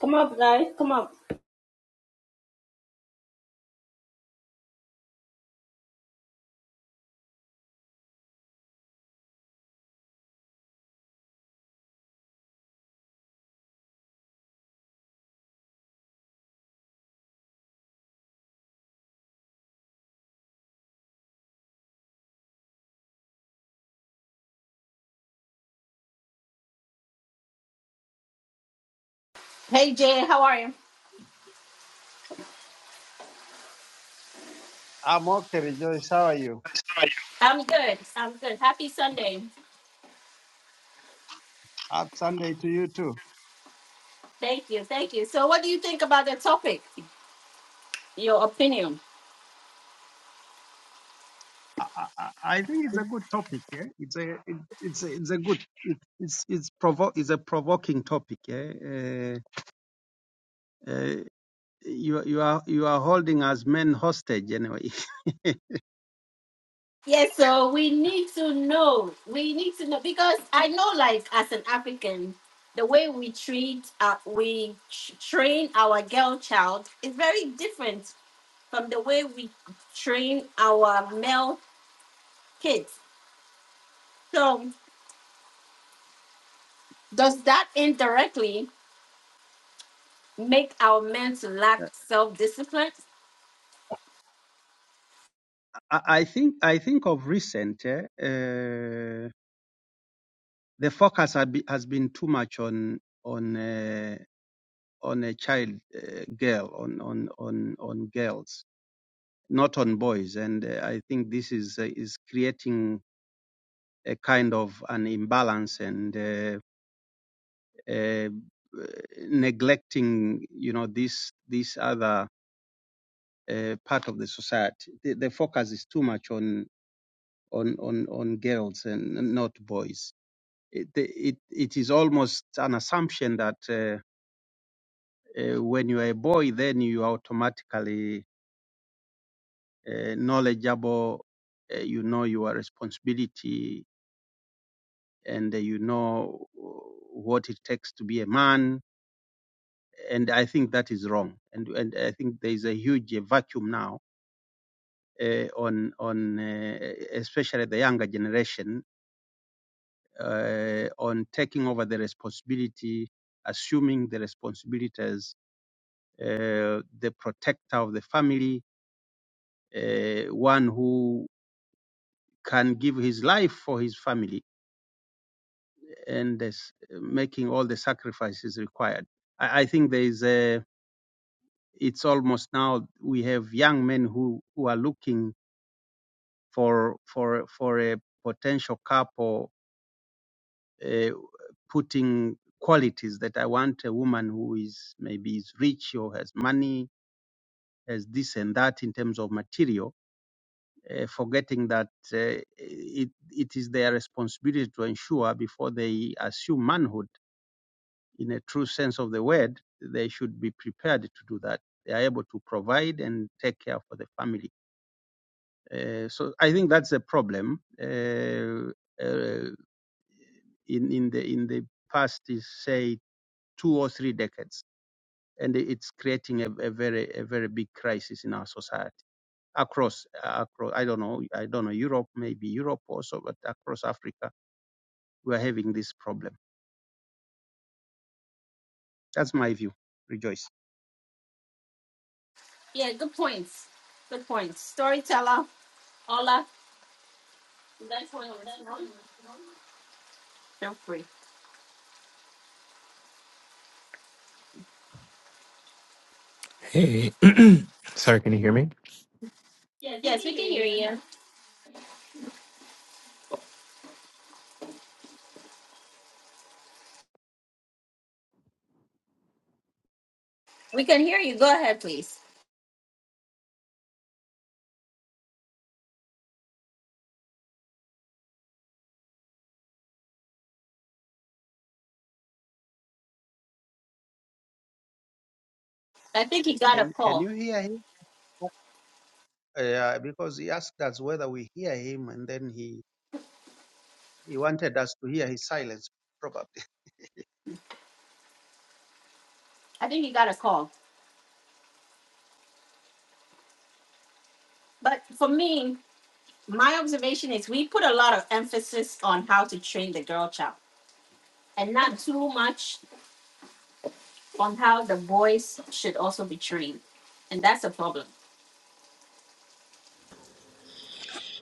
Come up, guys. Come up. Hey Jay, how are you? I'm okay, Rejoice. How are you? I'm good. I'm good. Happy Sunday. Happy Sunday to you too. Thank you. Thank you. So, what do you think about the topic? Your opinion. I, I, I I think it's a good topic. Yeah? It's a it, it's a, it's a good it's it's provo- it's a provoking topic. Yeah? Uh, uh, you you are you are holding us men hostage anyway. Yes, so we need to know. We need to know because I know, like, as an African, the way we treat, uh, we tr- train our girl child is very different from the way we train our male kids. So, does that indirectly make our men to lack self discipline? I, I think I think of recent yeah, uh, the focus has, be, has been too much on on uh, on a child uh, girl on on on on girls not on boys and uh, I think this is uh, is creating a kind of an imbalance and uh, uh, neglecting, you know, this this other uh, part of the society. The, the focus is too much on on on on girls and not boys. It it, it is almost an assumption that uh, uh, when you are a boy, then you are automatically uh, knowledgeable. Uh, you know your responsibility, and uh, you know what it takes to be a man and I think that is wrong. And and I think there is a huge vacuum now uh, on on uh, especially the younger generation uh, on taking over the responsibility, assuming the responsibility as uh, the protector of the family, uh, one who can give his life for his family and is making all the sacrifices required. I, I think there is a it's almost now we have young men who, who are looking for for for a potential couple uh, putting qualities that I want a woman who is maybe is rich or has money has this and that in terms of material uh, forgetting that uh, it it is their responsibility to ensure before they assume manhood in a true sense of the word they should be prepared to do that they are able to provide and take care for the family uh, so I think that's a problem uh, uh, in, in the in the past is say two or three decades, and it's creating a, a very a very big crisis in our society across across. I don't know. I don't know Europe, maybe Europe also, but across Africa, we are having this problem. That's my view. Rejoice. Yeah, good points. Good points. Storyteller, Ola, is that going to respond? Feel free. Hey, sorry, can you hear me? Yes, we can hear you. We can hear you. Go ahead, please. I think he Ca- got a Can can call. you hear him? Uh, because he asked us whether we hear him, and then he he wanted us to hear his silence. Probably. I think he got a call. But for me, my observation is we put a lot of emphasis on how to train the girl child and not too much on how the boys should also be trained. And that's a problem.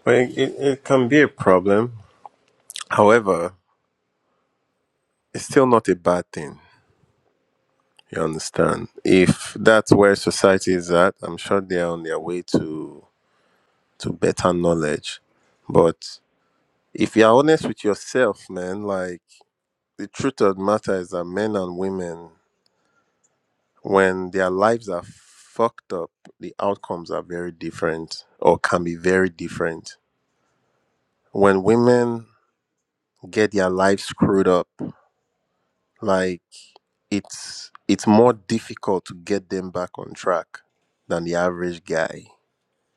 Well, it, it, it can be a problem. However, it's still not a bad thing. You understand? If that's where society is at, I'm sure they are on their way to to better knowledge. But if you're honest with yourself, man, like the truth of the matter is that men and women, when their lives are fucked up, the outcomes are very different or can be very different. When women get their lives screwed up, like. it's it's more difficult to get them back on track than the average guy.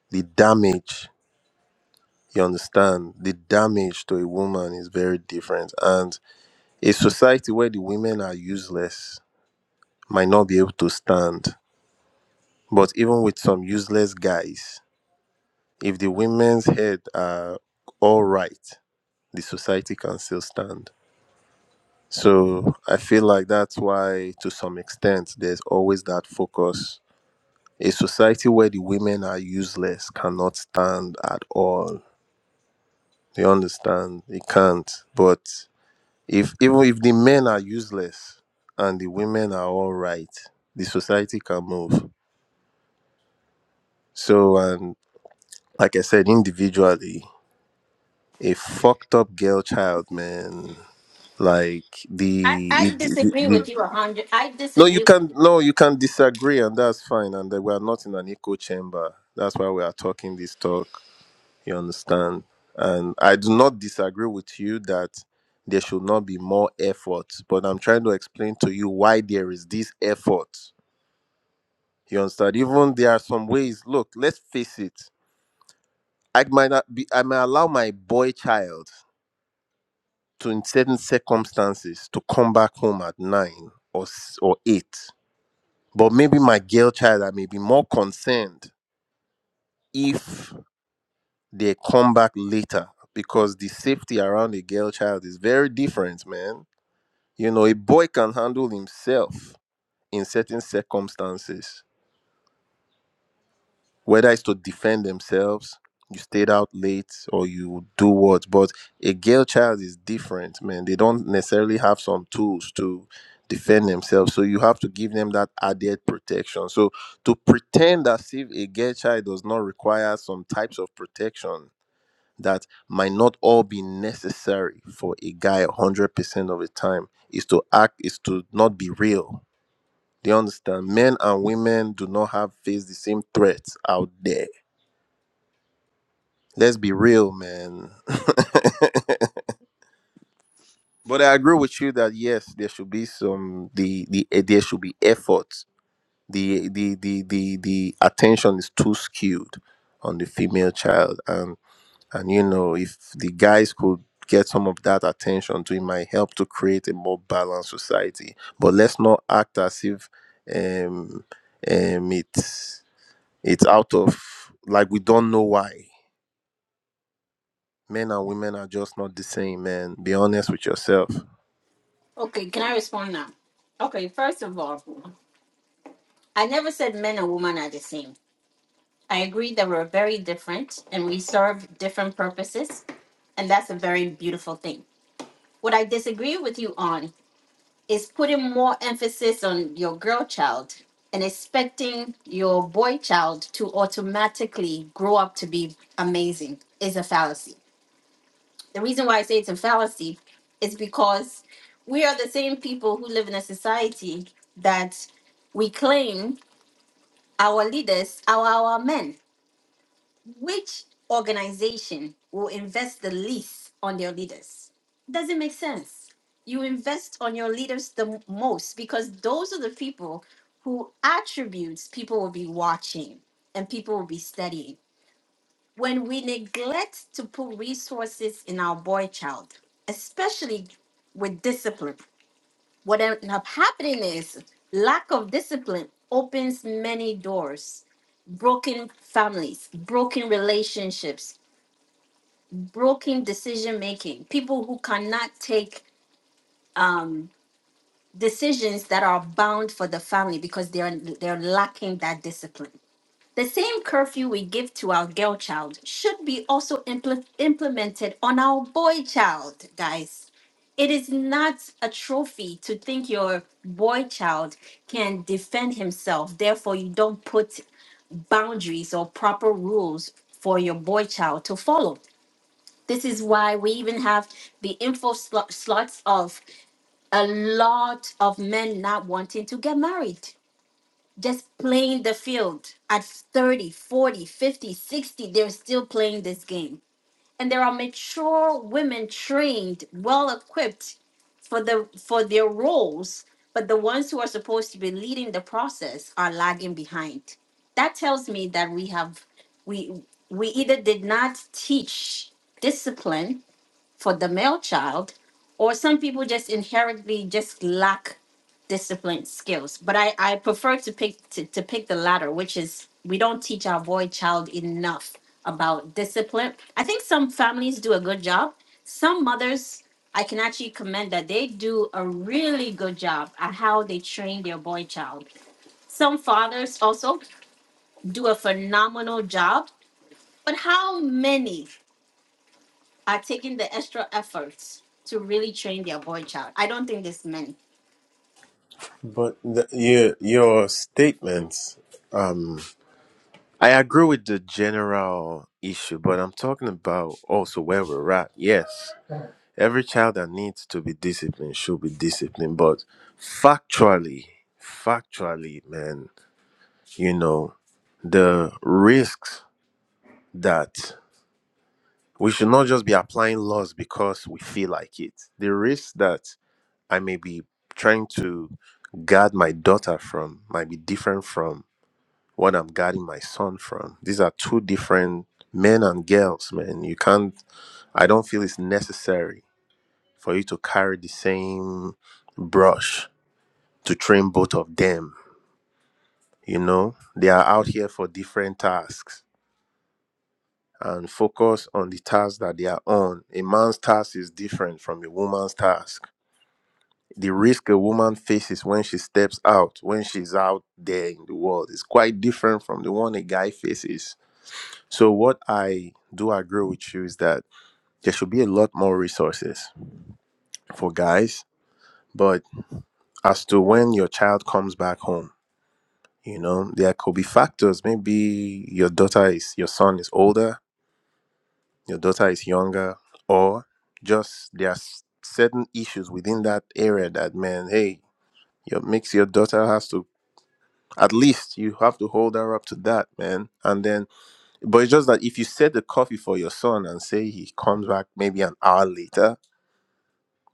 The damage, you understand, the damage to a woman is very different. And a society where the women are useless might not be able to stand. But even with some useless guys, if the women's head are all right, the society can still stand. So I feel like that's why, to some extent, there's always that focus A society where the women are useless cannot stand at all. You understand? It can't. But if even if the men are useless and the women are all right, the society can move. So and like I said, individually, a fucked up girl child, man. Like I, the, I it, the, disagree the with you a hundred. I no, you disagree with can you. no, you can disagree, and that's fine. And that we are not in an echo chamber. That's why we are talking this talk. You understand? And I do not disagree with you that there should not be more effort, but I'm trying to explain to you why there is this effort. You understand? Even there are some ways. Look, let's face it. I might not be, I may allow my boy child to, in certain circumstances, to come back home at nine or s- or eight. But maybe my girl child, I may be more concerned if they come back later because the safety around a girl child is very different, man You know, a boy can handle himself in certain circumstances, whether it's to defend themselves, you stayed out late, or you do what. But a girl child is different, man. They don't necessarily have some tools to defend themselves. So you have to give them that added protection. So to pretend as if a girl child does not require some types of protection that might not all be necessary for a guy 100% of the time is to act, is to not be real Do you understand? Men and women do not have face the same threats out there. Let's be real, man. but I agree with you that yes, there should be some the the eh, there should be effort. The the the the the attention is too skewed on the female child, and and you know if the guys could get some of that attention to it might help to create a more balanced society. But let's not act as if um um it's It's out of like we don't know why. Men and women are just not the same, man. Be honest with yourself. Okay, can I respond now? Okay, first of all, I never said men and women are the same. I agree that we're very different and we serve different purposes, and that's a very beautiful thing. What I disagree with you on is putting more emphasis on your girl child and expecting your boy child to automatically grow up to be amazing is a fallacy. The reason why I say it's a fallacy is because we are the same people who live in a society that we claim our leaders are our men Which organization will invest the least on their leaders? Doesn't make sense. You invest on your leaders the most because those are the people who attributes people will be watching and people will be studying. When we neglect to put resources in our boy child, especially with discipline, what ends up happening is lack of discipline opens many doors broken families, broken relationships, broken decision making people who cannot take um decisions that are bound for the family because they're they're lacking that discipline the same curfew we give to our girl child should be also impl- implemented on our boy child guys it is not a trophy to think your boy child can defend himself therefore you don't put boundaries or proper rules for your boy child to follow this is why we even have the info slo- slots of a lot of men not wanting to get married, just playing the field at thirty, forty, fifty, sixty. They're still playing this game. And there are mature women trained, well equipped for the for their roles, but the ones who are supposed to be leading the process are lagging behind. That tells me that we have we we either did not teach discipline for the male child, or some people just inherently just lack discipline skills. But I, I prefer to pick to, to pick the latter, which is we don't teach our boy child enough about discipline. I think some families do a good job. Some mothers I can actually commend that they do a really good job at how they train their boy child. Some fathers also do a phenomenal job, but how many? are taking the extra efforts to really train their boy child. I don't think there's many. But the, your your statements, um, I agree with the general issue, but I'm talking about also where we're at. Yes, every child that needs to be disciplined should be disciplined, but factually, factually, man, you know, the risks that we should not just be applying laws because we feel like it. The risk that I may be trying to guard my daughter from might be different from what I'm guarding my son from. These are two different men and girls, man. You can't, I don't feel it's necessary for you to carry the same brush to train both of them. You know, they are out here for different tasks and focus on the task that they are on. A man's task is different from a woman's task the risk a woman faces when she steps out, when she's out there in the world, is quite different from the one a guy faces. So, what I do agree with you is that there should be a lot more resources for guys. But as to when your child comes back home, you know, there could be factors. Maybe your daughter is, your son is older, your daughter is younger, or just there are s- certain issues within that area that, man, hey, your makes your daughter has to at least you have to hold her up to that, man. And then, but it's just that if you set the coffee for your son and say he comes back maybe an hour later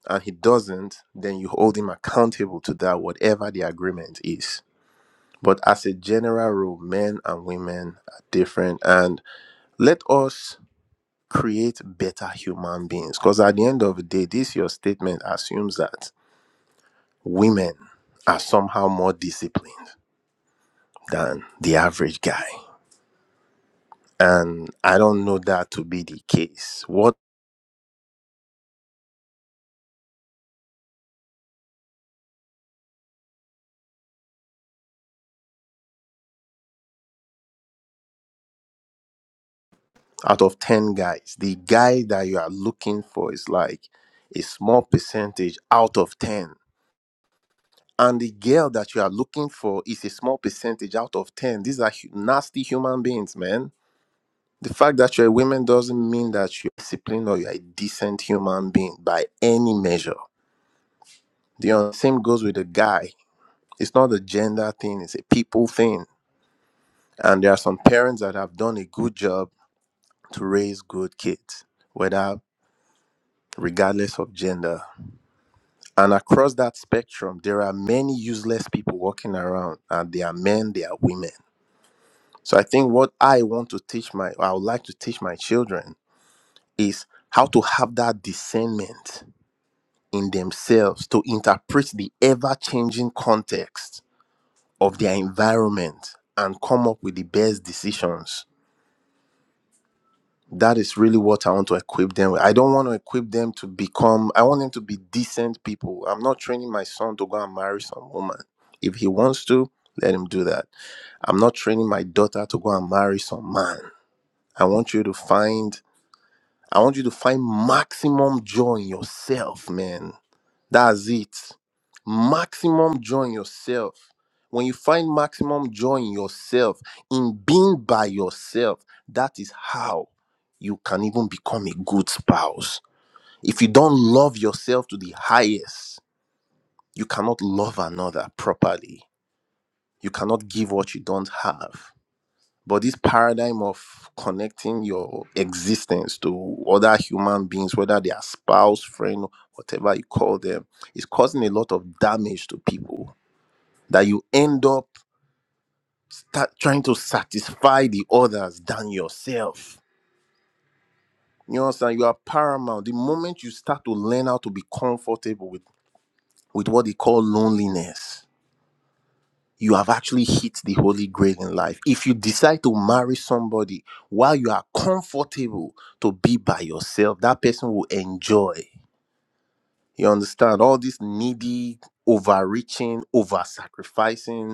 and he doesn't, then you hold him accountable to that, whatever the agreement is. But as a general rule, men and women are different. And let us create better human beings. Because at the end of the day, this your statement assumes that women are somehow more disciplined than the average guy. And I don't know that to be the case. What out of 10 guys, the guy that you are looking for is like a small percentage out of 10. And the girl that you are looking for is a small percentage out of 10. These are hu- nasty human beings, man. The fact that you're a woman doesn't mean that you're disciplined or you're a decent human being by any measure. The same goes with a guy. It's not a gender thing, it's a people thing. And there are some parents that have done a good job to raise good kids, whether regardless of gender. And across that spectrum, there are many useless people walking around, and they are men, they are women. So I think what I want to teach my, I would like to teach my children is how to have that discernment in themselves to interpret the ever changing context of their environment and come up with the best decisions that is really what I want to equip them with. I don't want to equip them to become, I want them to be decent people. I'm not training my son to go and marry some woman. If he wants to, let him do that. I'm not training my daughter to go and marry some man. I want you to find, I want you to find maximum joy in yourself, man that's it. Maximum joy in yourself. When you find maximum joy in yourself, in being by yourself, that is how you can even become a good spouse. If you don't love yourself to the highest, you cannot love another properly. You cannot give what you don't have. But this paradigm of connecting your existence to other human beings, whether they are spouse, friend, whatever you call them, is causing a lot of damage to people. That you end up start trying to satisfy the others than yourself. You understand? You are paramount. The moment you start to learn how to be comfortable with, with what they call loneliness, you have actually hit the holy grail in life. If you decide to marry somebody while you are comfortable to be by yourself, that person will enjoy. You understand all this needy, overreaching, over sacrificing.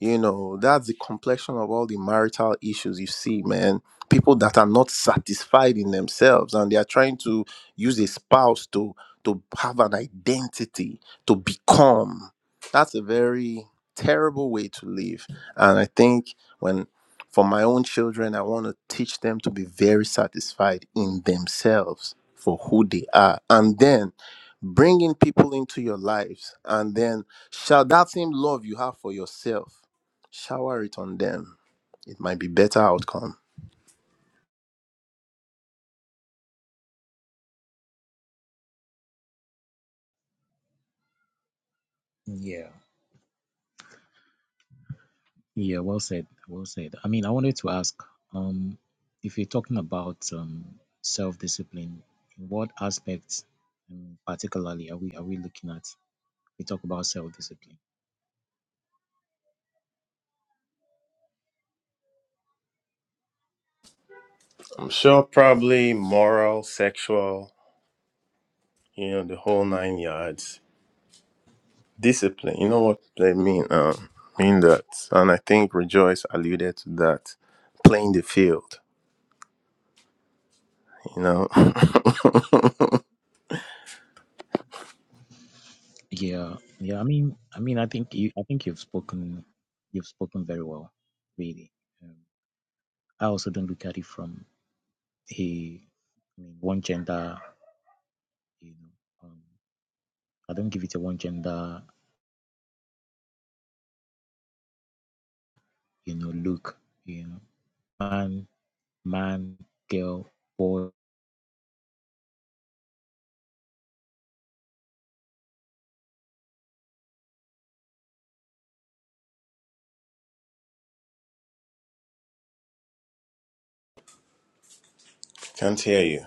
You know, that's the complexion of all the marital issues you see, man. People that are not satisfied in themselves and they are trying to use a spouse to to have an identity, to become. That's a very terrible way to live. And I think when for my own children, I want to teach them to be very satisfied in themselves for who they are. And then bringing people into your lives and then shall that same love you have for yourself Shower it on them. It might be better outcome. Yeah. Yeah, well said. Well said. I mean, I wanted to ask, um, if you're talking about um self-discipline, in what aspects um, particularly are we are we looking at? We talk about self-discipline. I'm sure probably moral, sexual, you know, the whole nine yards. Discipline, you know what they mean? Um, mean that. And I think Rejoice alluded to that. Playing the field, you know. Yeah, yeah. I mean, I mean, I think you, I think you've spoken, you've spoken very well, really. Um, I also don't look at it from a, I mean, one gender. You know, um, I don't give it a one gender, you know, look. You know, man man, girl, boy, Can't hear you.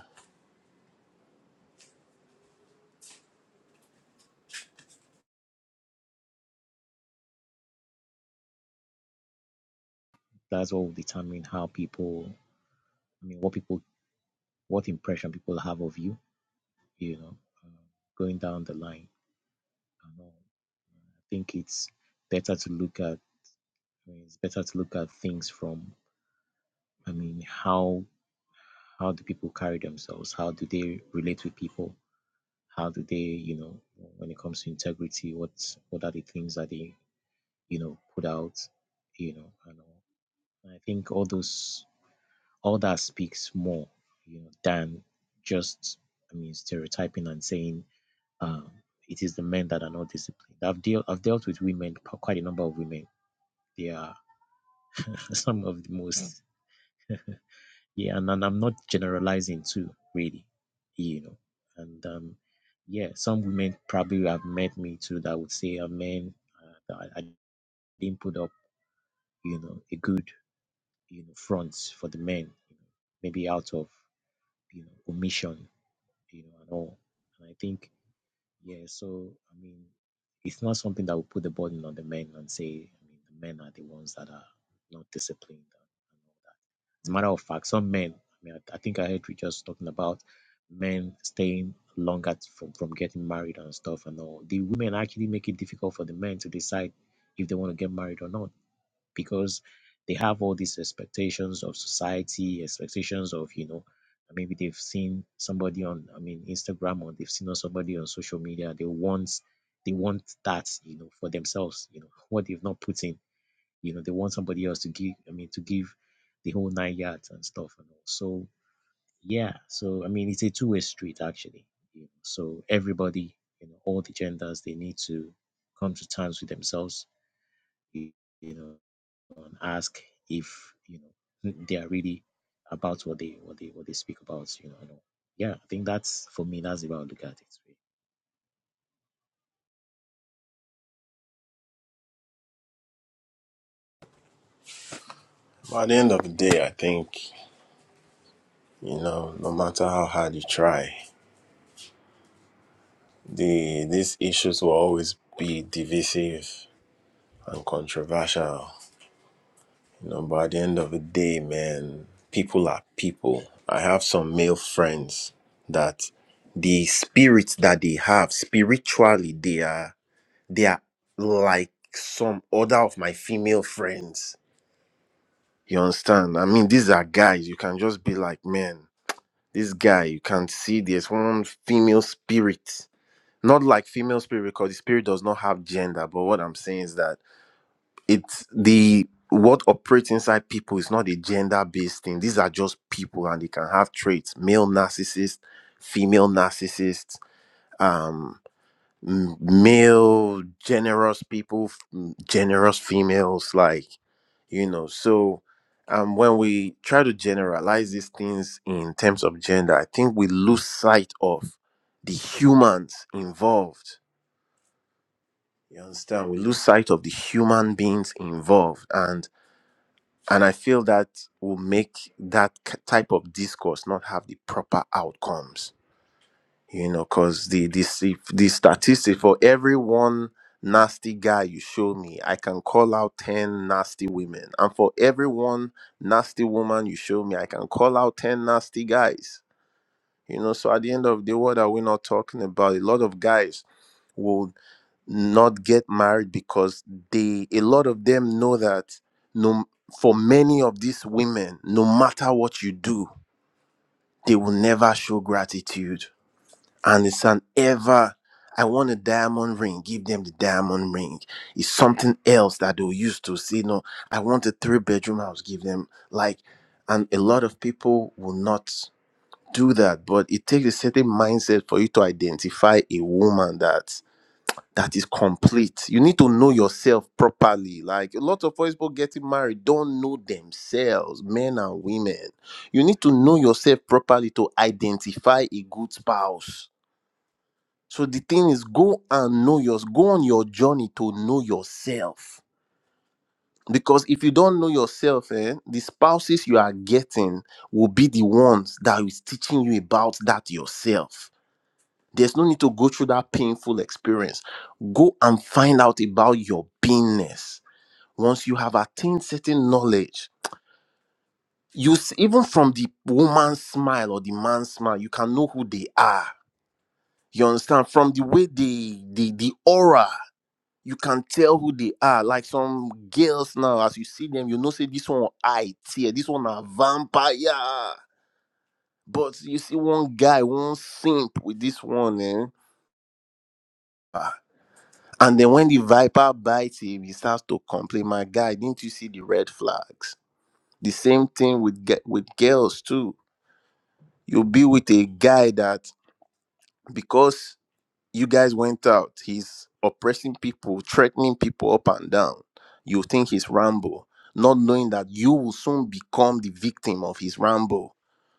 that's what will determine how people, I mean, what people, what impression people have of you, you know, uh, going down the line. And all. I think it's better to look at, I mean, it's better to look at things from, I mean, how, how do people carry themselves? How do they relate with people? How do they, you know, when it comes to integrity, what, what are the things that they, you know, put out, you know, and all. I think all those all that speaks more you know than just i mean stereotyping and saying um it is the men that are not disciplined i've dealt i've dealt with women quite a number of women they are some of the most yeah and, and i'm not generalizing too really you know and um yeah some women probably have met me too that would say a man uh, that I, I didn't put up you know a good you know front for the men you know, maybe out of you know omission you know, and all. And I think, yeah, so I mean, it's not something that will put the burden on the men and say, I mean, the men are the ones that are not disciplined. And all. As a matter of fact, some men, I mean, I, I think I heard you just talking about men staying longer from, from getting married and stuff and all. The women actually make it difficult for the men to decide if they want to get married or not because they have all these expectations of society, expectations of, you know, maybe they've seen somebody on, I mean, Instagram or they've seen on somebody on social media. They want they want that, you know, for themselves, you know, what they've not put in. You know, they want somebody else to give, I mean, to give the whole nine yards and stuff and all. So yeah, so I mean it's a two way street actually. You know, so everybody, you know, all the genders they need to come to terms with themselves. You, you know, and ask if you know they are really about what they what they what they speak about you know and all. yeah i think that's for me that's the way i look at it really. But at the end of the day, I think, you know, no matter how hard you try, the these issues will always be divisive and controversial. You know, but at the end of the day, man, people are people. I have some male friends that the spirits that they have spiritually, they are they are like some other of my female friends. You understand? I mean, these are guys. You can just be like, man, this guy. You can see there's one female spirit. Not like female spirit because the spirit does not have gender. But what I'm saying is that it's the what operates inside people is not a gender-based thing. These are just people, and they can have traits: male narcissist, female narcissist, um, m- male generous people, f- m- generous females. Like you know, so um, when we try to generalize these things in terms of gender, I think we lose sight of the humans involved. You understand? We lose sight of the human beings involved, and. And I feel that will make that k- type of discourse not have the proper outcomes, you know, because the, the, s- the statistic for every one nasty guy you show me, I can call out 10 nasty women. And for every one nasty woman you show me, I can call out 10 nasty guys, you know. So at the end of the day, what are we not talking about? A lot of guys. will not get married because they a lot of them know that no for many of these women no matter what you do they will never show gratitude and it's an ever i want a diamond ring give them the diamond ring it's something else that they'll use to say no i want a three bedroom house give them like and a lot of people will not do that but it takes a certain mindset for you to identify a woman that that is complete. You need to know yourself properly. Like a lot of people getting married don't know themselves, men and women. You need to know yourself properly to identify a good spouse. So the thing is, go and know yours. Go on your journey to know yourself. Because if you don't know yourself, eh, the spouses you are getting will be the ones that is teaching you about that yourself there's no need to go through that painful experience. Go and find out about your beingness. Once you have attained certain knowledge, you s- even from the woman's smile or the man's smile, you can know who they are. You understand? From the way they the the aura, you can tell who they are. Like some girls now, as you see them, you know, say this one I tear, this one a vampire. But you see one guy, one simp with this one, eh? Ah. And then when the viper bites him, he starts to complain, "My guy, didn't you see the red flags?" The same thing with ge- with girls too. You'll be with a guy that because you guys went out, he's oppressing people, threatening people up and down. You think he's Rambo, not knowing that you will soon become the victim of his Rambo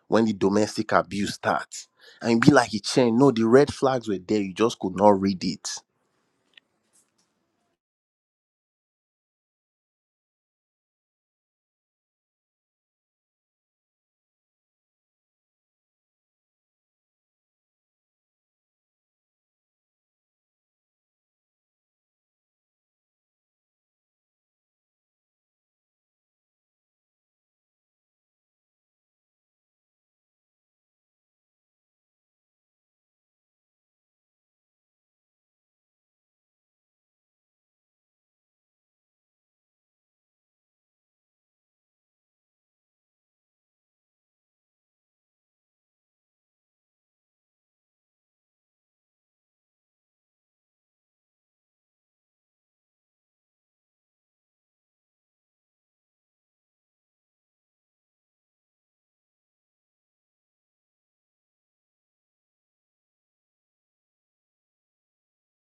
when the domestic abuse starts. And you be like, "Chain, no, the red flags were there. You just could not read it."